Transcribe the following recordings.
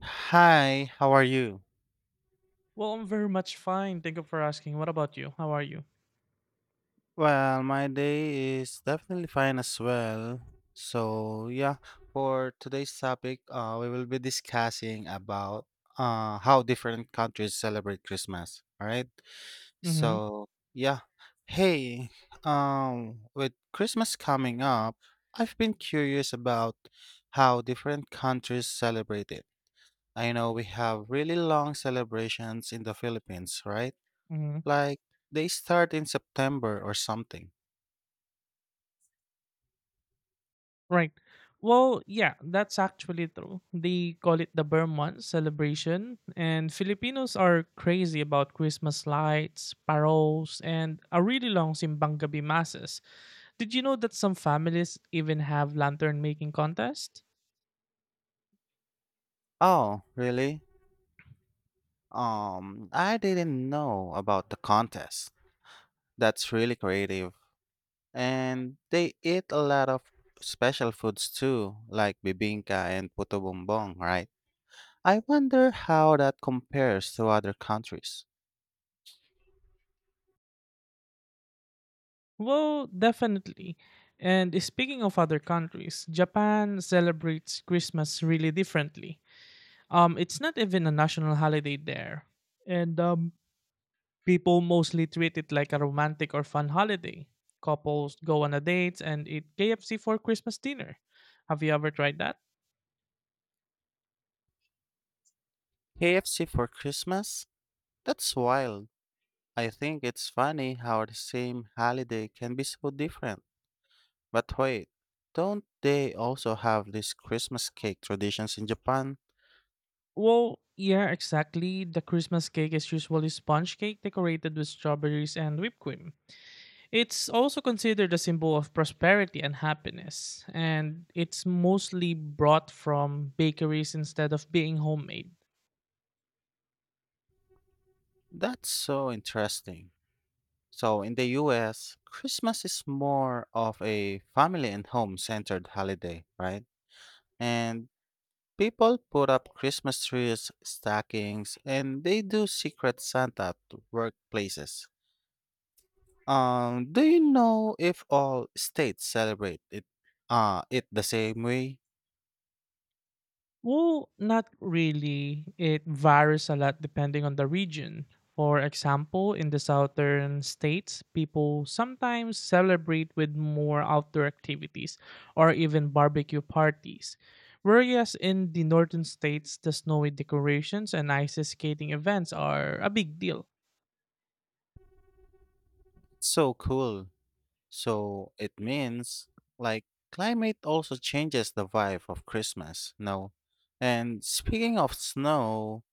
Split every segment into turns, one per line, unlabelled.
Hi, how are you?
Well, I'm very much fine. Thank you for asking. What about you? How are you?
Well, my day is definitely fine as well. So, yeah, for today's topic, we will be discussing about how different countries celebrate Christmas. All right.
Mm-hmm.
So, yeah. Hey, with Christmas coming up, I've been curious about how different countries celebrate it. I know we have really long celebrations in the Philippines, right?
Mm-hmm.
Like they start in September or something.
Right. Well, yeah, that's actually true. They call it the Burr Month celebration, and Filipinos are crazy about Christmas lights, paroles, and a really long simbang gabi masses. Did you know that some families even have lantern making contest?
Oh, really? I didn't know about the contest. That's really creative. And they eat a lot of special foods too, like bibingka and puto bumbong, right? I wonder how that compares to other countries.
Well, definitely. And speaking of other countries, Japan celebrates Christmas really differently. It's not even a national holiday there, and people mostly treat it like a romantic or fun holiday. Couples go on a date and eat KFC for Christmas dinner. Have you ever tried that?
KFC for Christmas? That's wild. I think it's funny how the same holiday can be so different. But wait, don't they also have these Christmas cake traditions in Japan?
Well, yeah, exactly. The Christmas cake is usually sponge cake decorated with strawberries and whipped cream. It's also considered a symbol of prosperity and happiness, and it's mostly brought from bakeries instead of being homemade.
That's so interesting. So, in the US, Christmas is more of a family and home centered holiday, right? And people put up Christmas trees, stockings, and they do secret Santa at workplaces. Do you know if all states celebrate it the same way?
Well, not really. It varies a lot depending on the region. For example, in the southern states, people sometimes celebrate with more outdoor activities or even barbecue parties. Whereas in the northern states, the snowy decorations and ice skating events are a big deal.
So cool. So it means like climate also changes the vibe of Christmas, no? And speaking of snow,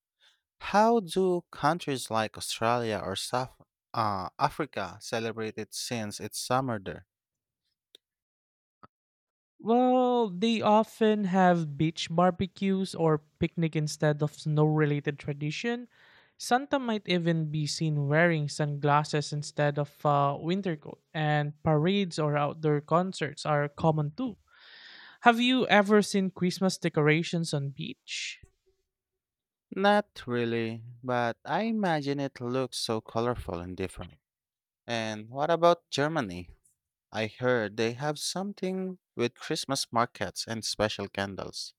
how do countries like Australia or South Africa celebrate it since it's summer there?
Well, they often have beach barbecues or picnic instead of snow-related tradition. Santa might even be seen wearing sunglasses instead of a winter coat, and parades or outdoor concerts are common too. Have you ever seen Christmas decorations on beach?
Not really, but I imagine it looks so colorful and different. And what about Germany? I heard they have something with Christmas markets and special candles.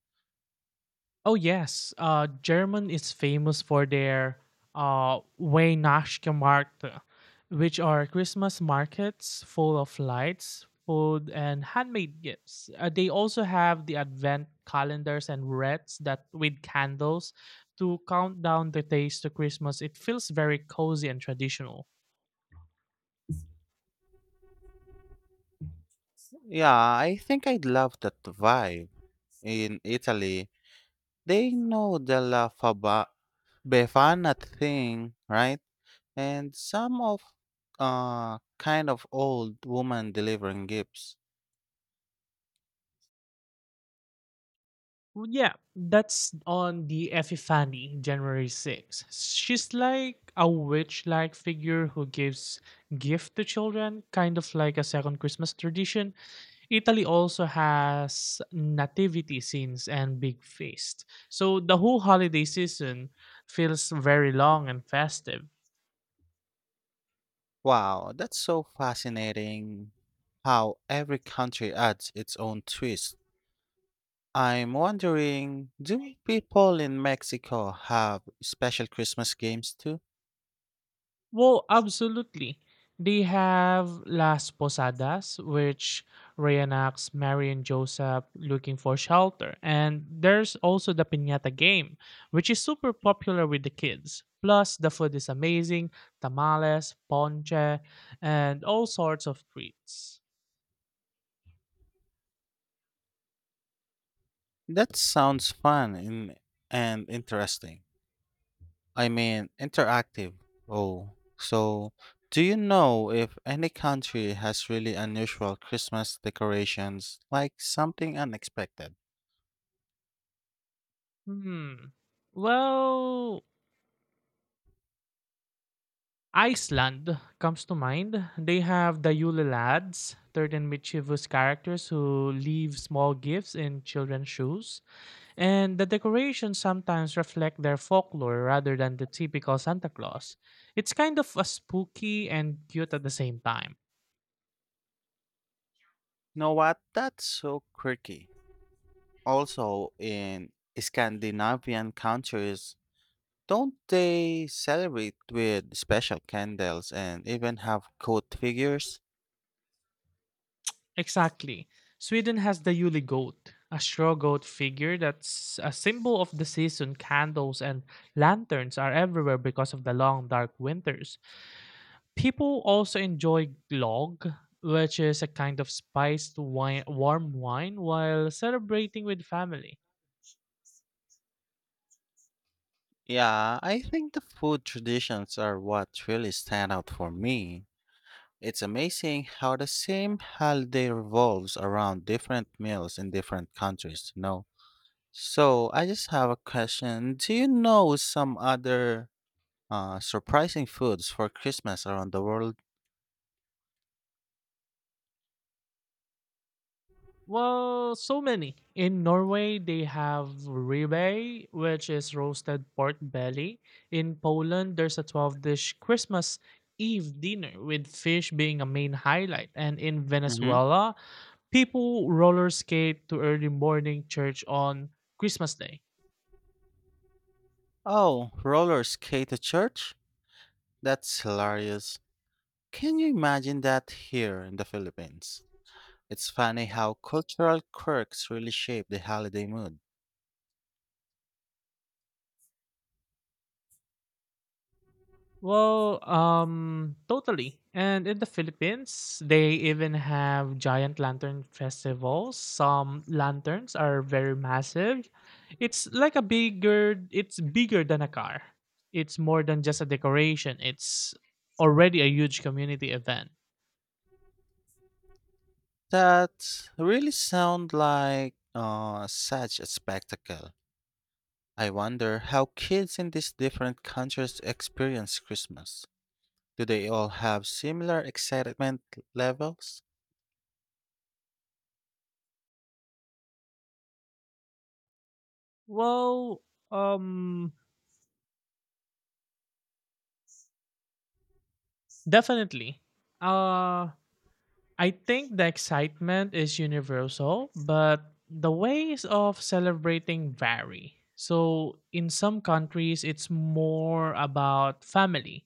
Oh yes, German is famous for their Weihnachtsmärkte, which are Christmas markets full of lights, food, and handmade gifts. They also have the Advent calendars and wreaths that with candles to count down the days to Christmas. It feels very cozy and traditional.
Yeah, I think I'd love that vibe. In Italy, they know the Befana thing, right? And some of kind of old woman delivering gifts.
Well, yeah, that's on the Epiphany, January 6th. She's like a witch like figure who gives gift to children, kind of like a second Christmas tradition. Italy also has nativity scenes and big feasts, so the whole holiday season feels very long and festive.
Wow, that's so fascinating how every country adds its own twist. I'm wondering, do people in Mexico have special Christmas games too?
Well, absolutely. They have Las Posadas, which reenacts Mary and Joseph looking for shelter. And there's also the piñata game, which is super popular with the kids. Plus, the food is amazing tamales, ponche, and all sorts of treats.
That sounds fun and, interesting. I mean, interactive. Oh, so do you know if any country has really unusual Christmas decorations, like something unexpected?
Hmm. Well, Iceland comes to mind. They have the Yule Lads, 13 mischievous characters who leave small gifts in children's shoes, and the decorations sometimes reflect their folklore rather than the typical Santa Claus. It's kind of a spooky and cute at the same time.
Know what? That's so quirky. Also, in Scandinavian countries, don't they celebrate with special candles and even have goat figures?
Exactly. Sweden has the Yule goat, a straw goat figure that's a symbol of the season. Candles and lanterns are everywhere because of the long, dark winters. People also enjoy glögg, which is a kind of spiced wine, warm wine, while celebrating with family.
Yeah, I think the food traditions are what really stand out for me. It's amazing how the same holiday revolves around different meals in different countries, you know. So I just have a question. Do you know some other surprising foods for Christmas around the world?
Well, so many. In Norway, they have ribeye, which is roasted pork belly. In Poland, there's a 12 dish Christmas Eve dinner with fish being a main highlight. And in
Mm-hmm.
Venezuela, people roller skate to early morning church on Christmas Day.
Oh, roller skate to church? That's hilarious. Can you imagine that here in the Philippines? It's funny how cultural quirks really shape the holiday mood.
Well, totally. And in the Philippines, they even have giant lantern festivals. Some lanterns are very massive. It's like a bigger, it's bigger than a car. It's more than just a decoration. It's already a huge community event.
That really sound like such a spectacle. I wonder how kids in these different countries experience Christmas. Do they all have similar excitement levels?
Well, um, definitely. Uh, I think the excitement is universal, but the ways of celebrating vary. So, in some countries, it's more about family,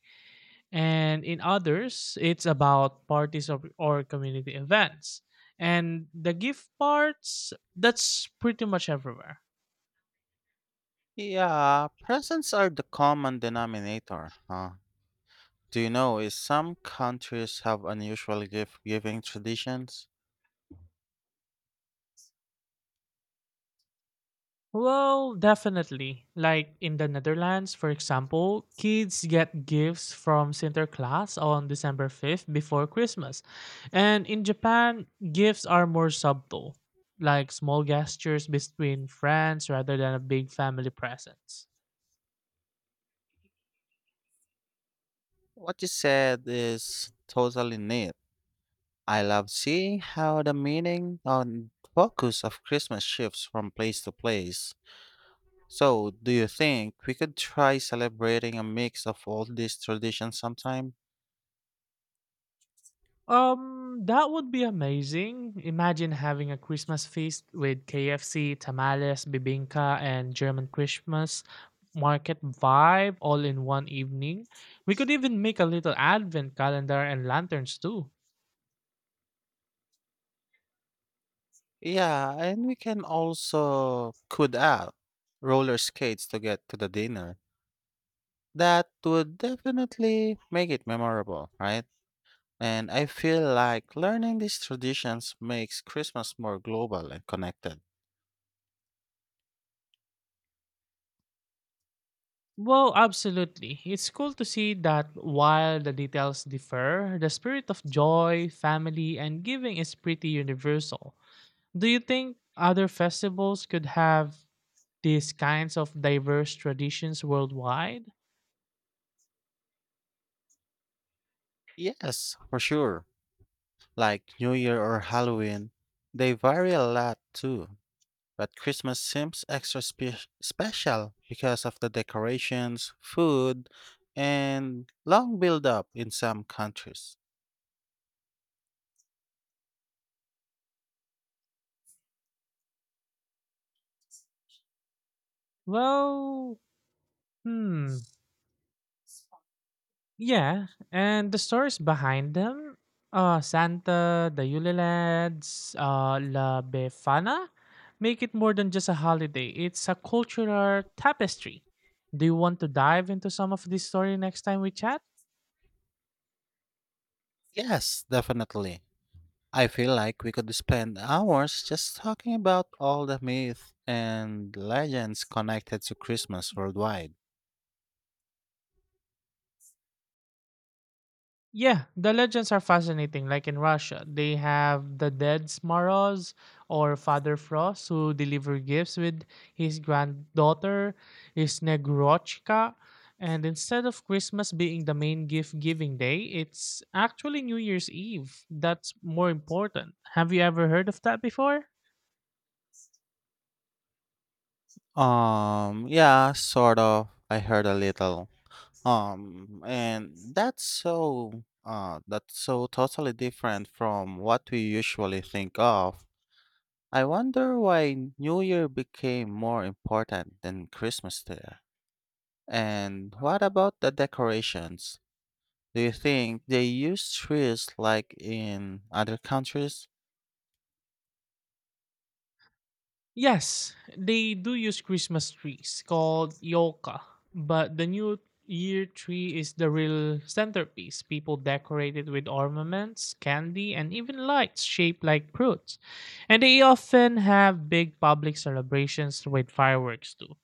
and in others, it's about parties or community events. And the gift parts, that's pretty much everywhere.
Yeah, presents are the common denominator, huh? Do you know if some countries have unusual gift giving traditions?
Well, definitely. Like in the Netherlands, for example, kids get gifts from Sinterklaas on December 5th before Christmas. And in Japan, gifts are more subtle, like small gestures between friends rather than a big family presence.
What you said is totally neat. I love seeing how the meaning and focus of Christmas shifts from place to place. So, do you think we could try celebrating a mix of all these traditions sometime?
That would be amazing. Imagine having a Christmas feast with KFC, tamales, bibingka, and German Christmas market vibe all in one evening. We could even make a little advent calendar and lanterns too.
Yeah, and we can also could add roller skates to get to the dinner. That would definitely make it memorable, right? And I feel like learning these traditions makes Christmas more global and connected.
Well, absolutely. It's cool to see that while the details differ, the spirit of joy, family, and giving is pretty universal. Do you think other festivals could have these kinds of diverse traditions worldwide?
Yes, for sure. Like New Year or Halloween, they vary a lot too. But Christmas seems extra special because of the decorations, food, and long build up in some countries.
Well, hmm, yeah, and the stories behind them, Santa, the Yule Lads, La Befana, make it more than just a holiday. It's a cultural tapestry. Do you want to dive into some of this story next time we chat?
Yes, definitely. I feel like we could spend hours just talking about all the myths and legends connected to Christmas worldwide.
Yeah, the legends are fascinating. Like in Russia, they have the dead Smoroz or Father Frost who deliver gifts with his granddaughter, his Negrochka. And instead of Christmas being the main gift giving day, it's actually New Year's Eve. That's more important. Have you ever heard of that before?
Yeah, sort of. I heard a little. And that's so totally different from what we usually think of. I wonder why New Year became more important than Christmas there. And what about the decorations? Do you think they use trees like in other countries?
Yes, they do use Christmas trees called yoka, but the new year tree is the real centerpiece. People decorate it with ornaments, candy, and even lights shaped like fruits. And they often have big public celebrations with fireworks too.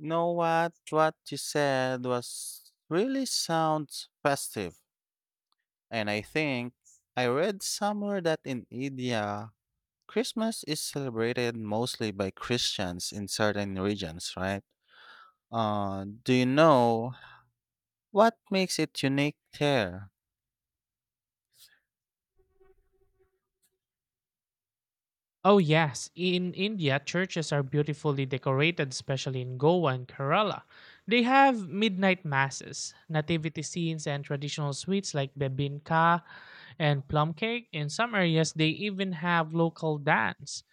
Know what you said was really sounds festive. And I read somewhere that in India, Christmas is celebrated mostly by Christians in certain regions, right? Do you know what makes it unique there?
Oh, yes. In India, churches are beautifully decorated, especially in Goa and Kerala. They have midnight masses, nativity scenes, and traditional sweets like bebinka and plum cake. In some areas, they even have local dance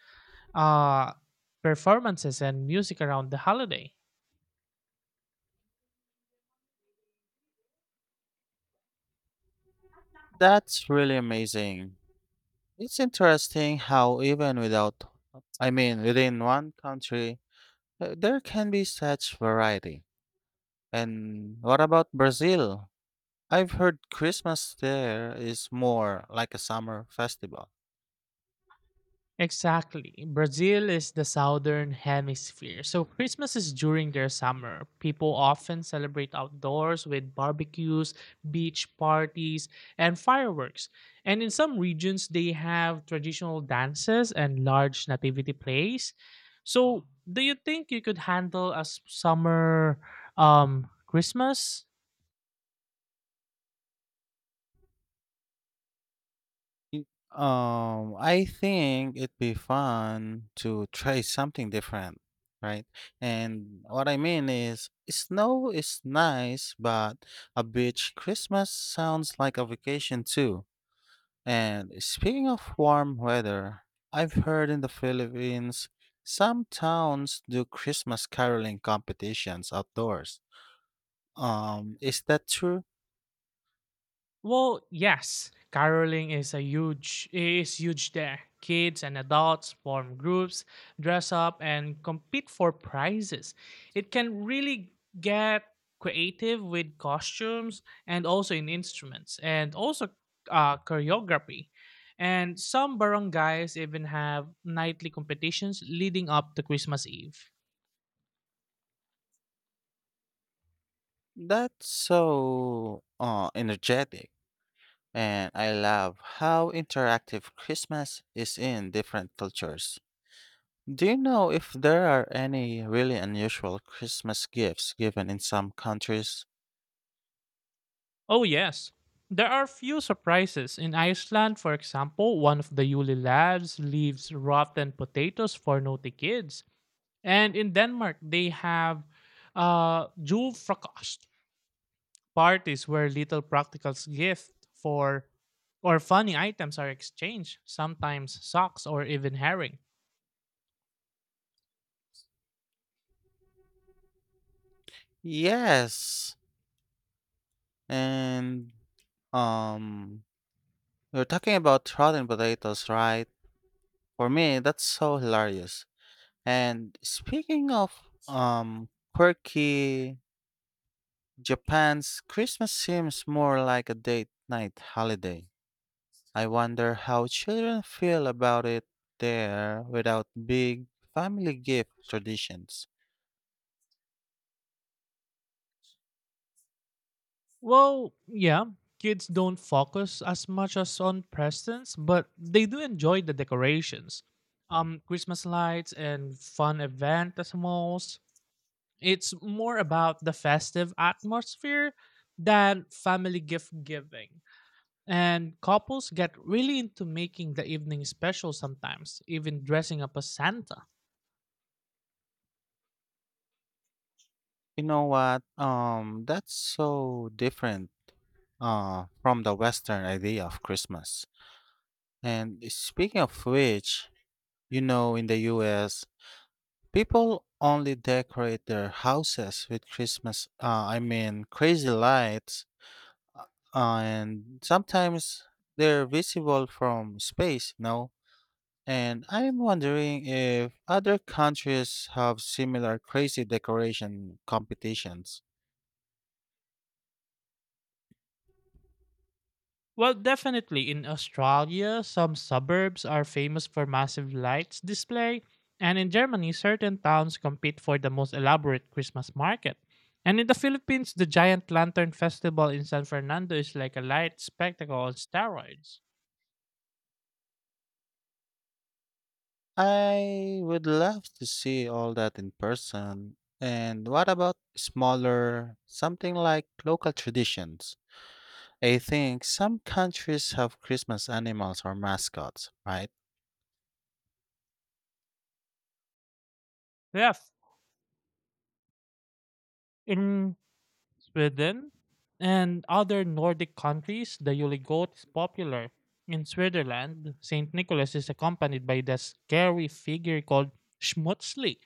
uh, performances and music around the holiday.
That's really amazing. It's interesting how even without, I mean, within one country, there can be such variety. And what about Brazil? I've heard Christmas there is more like a summer festival.
Exactly. Brazil is the southern hemisphere, so Christmas is during their summer. People often celebrate outdoors with barbecues, beach parties, and fireworks. And in some regions, they have traditional dances and large nativity plays. So, do you think you could handle a summer Christmas?
Y- I think it'd be fun to try something different, right? And what I mean is, snow is nice, but a beach Christmas sounds like a vacation too. And speaking of warm weather, I've heard in the Philippines some towns do Christmas caroling competitions outdoors. Is that true?
Well, yes, caroling is a huge there. Kids and adults form groups, dress up and compete for prizes. It can really get creative with costumes and also in instruments and also choreography. And some barangays even have nightly competitions leading up to Christmas Eve.
That's so energetic. And I love how interactive Christmas is in different cultures. Do you know if there are any really unusual Christmas gifts given in some countries?
Oh, yes. There are few surprises. In Iceland, for example, one of the Yule lads leaves rotten potatoes for naughty kids. And in Denmark, they have julfrokost parties where little practical gifts for or funny items are exchanged, sometimes socks or even herring.
Yes. And um You're talking about rotten potatoes, right? For me, that's so hilarious. And speaking of um quirky, Japan's Christmas seems more like a date night holiday. I wonder how children feel about it there without big family gift traditions.
Well, yeah, kids don't focus as much as on presents, but they do enjoy the decorations. Christmas lights and fun event at malls. It's more about the festive atmosphere than family gift giving. And couples get really into making the evening special sometimes, even dressing up as Santa.
You know what? That's so different from the western idea of Christmas. And speaking of which, you know in the US people only decorate their houses with Christmas, I mean, crazy lights, uh, and sometimes they're visible from space, you know? And I'm wondering if other countries have similar crazy decoration competitions.
Well, definitely in Australia, some suburbs are famous for massive lights display, and in Germany, certain towns compete for the most elaborate Christmas market. And in the Philippines, the Giant Lantern Festival in San Fernando is like a light spectacle on steroids.
I would love to see all that in person. And what about smaller, something like local traditions? I think some countries have Christmas animals or mascots, right?
Yeah, in Sweden and other Nordic countries, the Juligoat is popular. In Switzerland, St. Nicholas is accompanied by the scary figure called Schmutzli,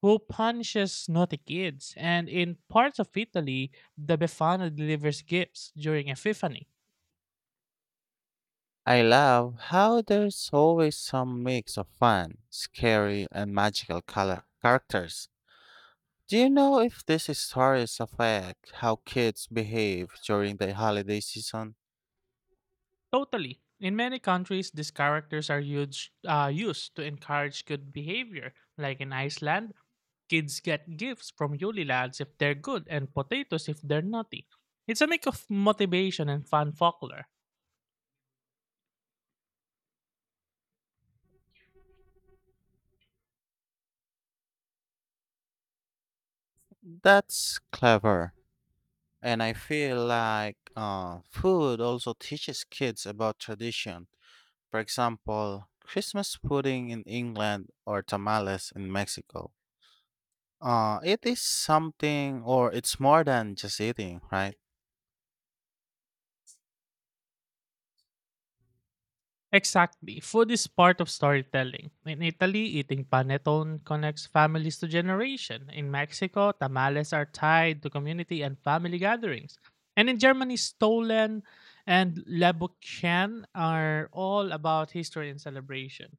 who punishes naughty kids. And in parts of Italy, the Befana delivers gifts during Epiphany.
I love how there's always some mix of fun, scary, and magical color characters. Do you know if these stories affect how kids behave during the holiday season?
Totally. In many countries, these characters are huge, used to encourage good behavior, like in Iceland, kids get gifts from Yuli Lads if they're good and potatoes if they're naughty. It's a mix of motivation and fun folklore.
That's clever. And I feel like food also teaches kids about tradition. For example, Christmas pudding in England or tamales in Mexico. It is something, or it's more than just eating, right?
Exactly. Food is part of storytelling. In Italy, eating panettone connects families to generation. In Mexico, tamales are tied to community and family gatherings. And in Germany, Stollen and Lebuchen are all about history and celebration.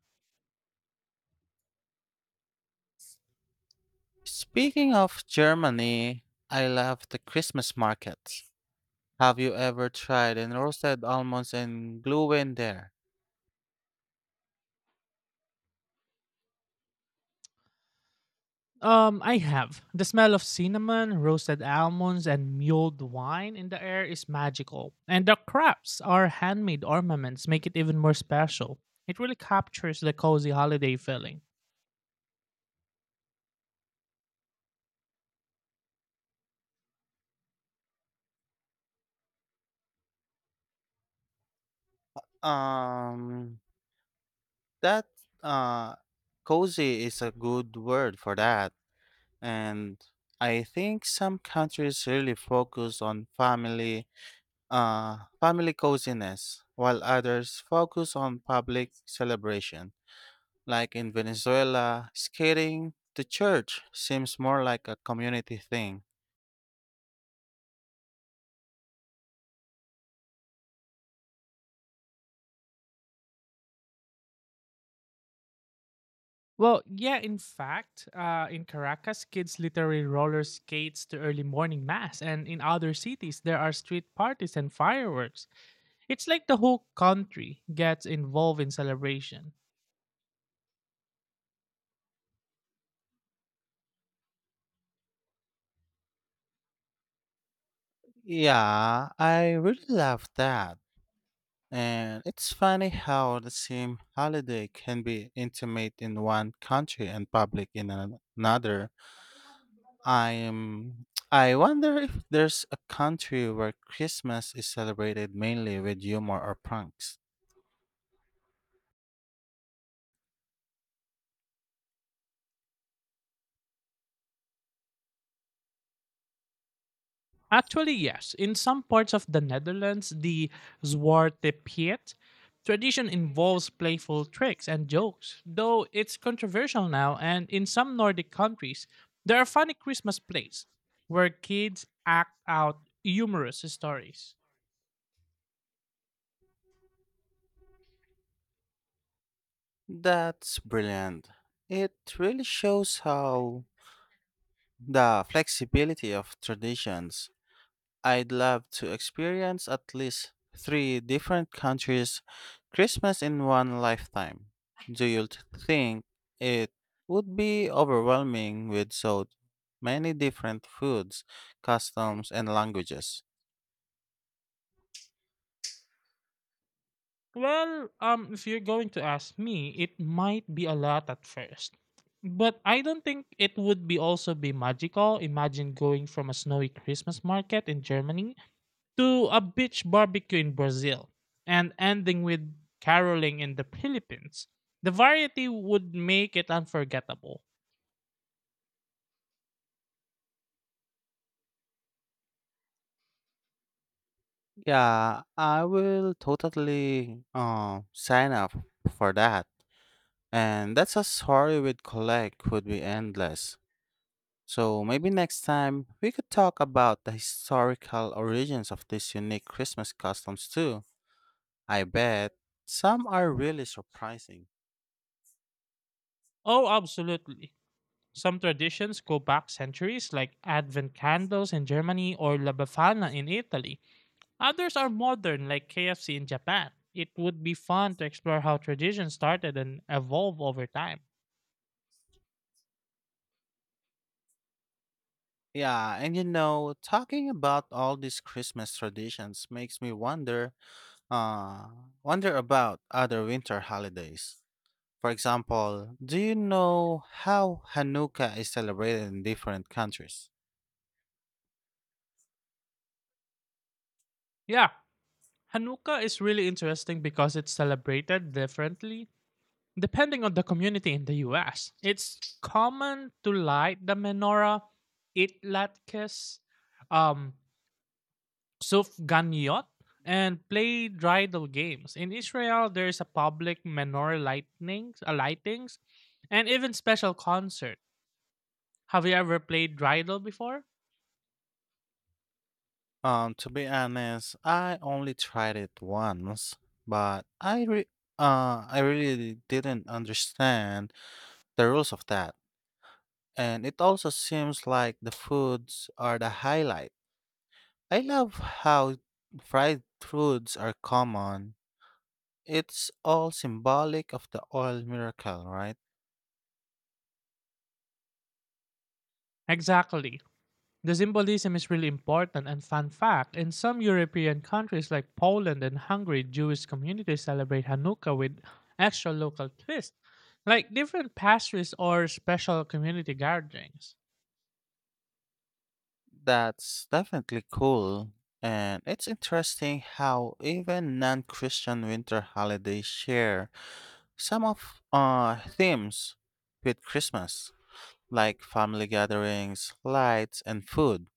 Speaking of Germany, I love the Christmas markets. Have you ever tried and roasted almonds and glühwein there?
I have. The smell of cinnamon, roasted almonds, and mulled wine in the air is magical. And the crafts our handmade ornaments make it even more special. It really captures the cozy holiday feeling.
Um, that uh, cozy is a good word for that, and I think some countries really focus on family, family coziness, while others focus on public celebration. Like in Venezuela, skating to church seems more like a community thing.
Well, yeah, in fact, in Caracas, kids literally roller skates to early morning mass, and in other cities, there are street parties and fireworks. It's like the whole country gets involved in celebration.
Yeah, I really love that. And it's funny how the same holiday can be intimate in one country and public in another. I wonder if there's a country where Christmas is celebrated mainly with humor or pranks.
Actually, yes. In some parts of the Netherlands, the Zwarte Piet tradition involves playful tricks and jokes, though it's controversial now. And in some Nordic countries, there are funny Christmas plays where kids act out humorous stories.
That's brilliant. It really shows how the flexibility of traditions I'd love to experience at least three different countries' Christmas in one lifetime. Do you t- think it would be overwhelming with so many different foods, customs, and languages?
Well, if you're going to ask me, it might be a lot at first. But I don't think it would be also be magical. Imagine going from a snowy Christmas market in Germany to a beach barbecue in Brazil and ending with caroling in the Philippines. The variety would make it unforgettable.
Yeah, I will totally sign up for that. And that's a story with collect would be endless. So maybe next time we could talk about the historical origins of these unique Christmas customs too. I bet some are really surprising.
Oh, absolutely. Some traditions go back centuries, like Advent candles in Germany or La Befana in Italy. Others are modern, like KFC in Japan. It would be fun to explore how traditions started and evolve over time.
Yeah, and you know, talking about all these Christmas traditions makes me uh wonder about other winter holidays. For example, do you know how Hanukkah is celebrated in different countries?
Yeah, Hanukkah is really interesting because it's celebrated differently depending on the community in the US. It's common to light the menorah, eat latkes, um, sufganiyot, and play bridal games. In Israel, there is a public menorah lightnings, lightings, and even special concert. Have you ever played Riddle before?
To be honest, I only tried it once, but I really didn't understand the rules of that. And it also seems like the foods are the highlight. I love how fried foods are common. It's all symbolic of the oil miracle, right?
Exactly. The symbolism is really important, and fun fact in some European countries like Poland and Hungary, Jewish communities celebrate Hanukkah with extra local twists, like different pastries or special community gatherings.
That's definitely cool. And it's interesting how even non Christian winter holidays share some of themes with Christmas, like family gatherings, lights, and food.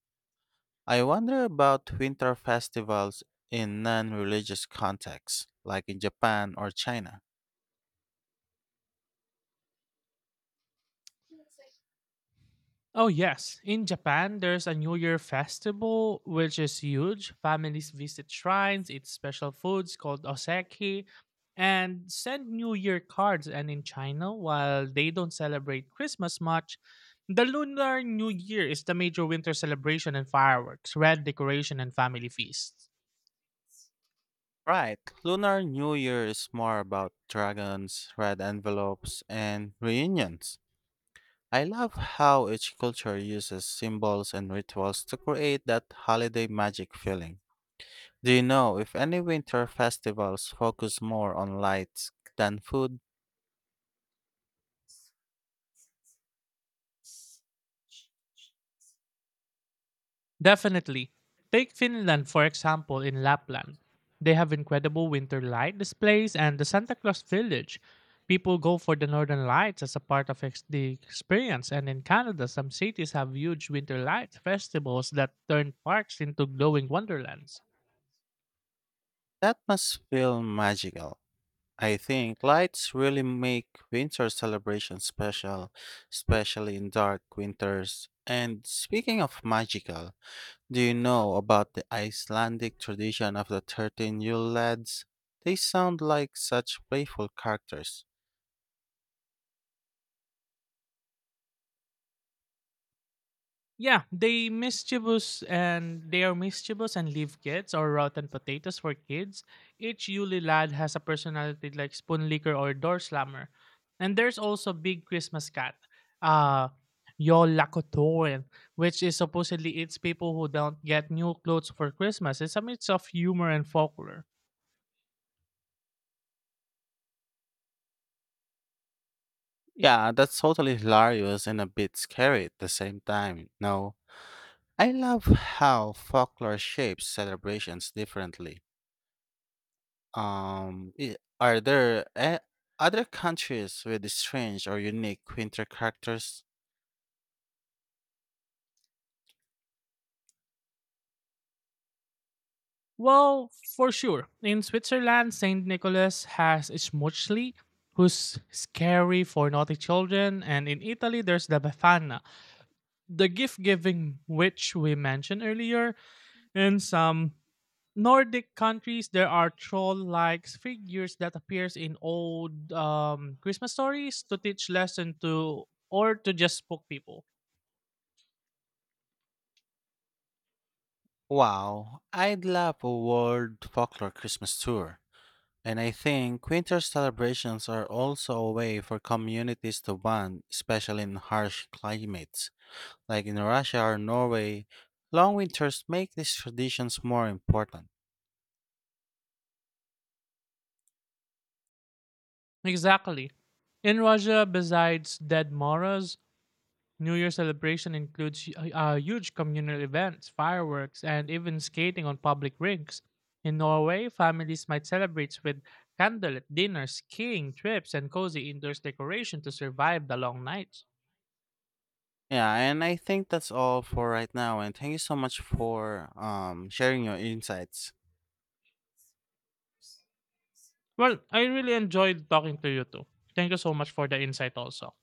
I wonder about winter festivals in non-religious contexts, like in Japan or China.
Oh, yes. In Japan, there's a New Year festival, which is huge. Families visit shrines, eat special foods called oseki, and send New Year cards. And in China, while they don't celebrate Christmas much, the Lunar New Year is the major winter celebration and fireworks, red decoration, and family feasts.
Right, Lunar New Year is more about dragons, red envelopes, and reunions. I love how each culture uses symbols and rituals to create that holiday magic feeling. Do you know if any winter festivals focus more on lights than food?
Definitely. Take Finland, for example, in Lapland. They have incredible winter light displays and the Santa Claus village. People go for the northern lights as a part of the experience, and in Canada, some cities have huge winter light festivals that turn parks into glowing wonderlands.
That must feel magical. I think lights really make winter celebrations special, especially in dark winters. And speaking of magical, do you know about the Icelandic tradition of the 13 Yule lads? They sound like such playful characters.
Yeah, they are mischievous and leave kids or rotten potatoes for kids. Each Yuli lad has a personality like spoon licker or door slammer. And there's also big Christmas cat, uh Yolakotorin, which is supposedly eats people who don't get new clothes for Christmas. It's a mix of humor and folklore.
Yeah, that's totally hilarious and a bit scary at the same time, no? I love how folklore shapes celebrations differently. Are there other countries with strange or unique winter characters?
Well, for sure. In Switzerland, St. Nicholas has Schmutzli, who's scary for naughty children, and in Italy, there's the Befana, the gift giving witch we mentioned earlier. In some Nordic countries, there are troll-like figures that appears in old Christmas stories to teach lesson to or to just spook people.
Wow, I'd love a world folklore Christmas tour. And I think winter celebrations are also a way for communities to bond, especially in harsh climates. Like in Russia or Norway, long winters make these traditions more important.
Exactly. In Russia, besides Dead Moras, New Year celebration includes huge communal events, fireworks, and even skating on public rinks. In Norway, families might celebrate with candlelit dinners, skiing trips, and cozy indoors decoration to survive the long nights.
Yeah, and I think that's all for right now. And thank you so much for sharing your insights.
Well, I really enjoyed talking to you too. Thank you so much for the insight also.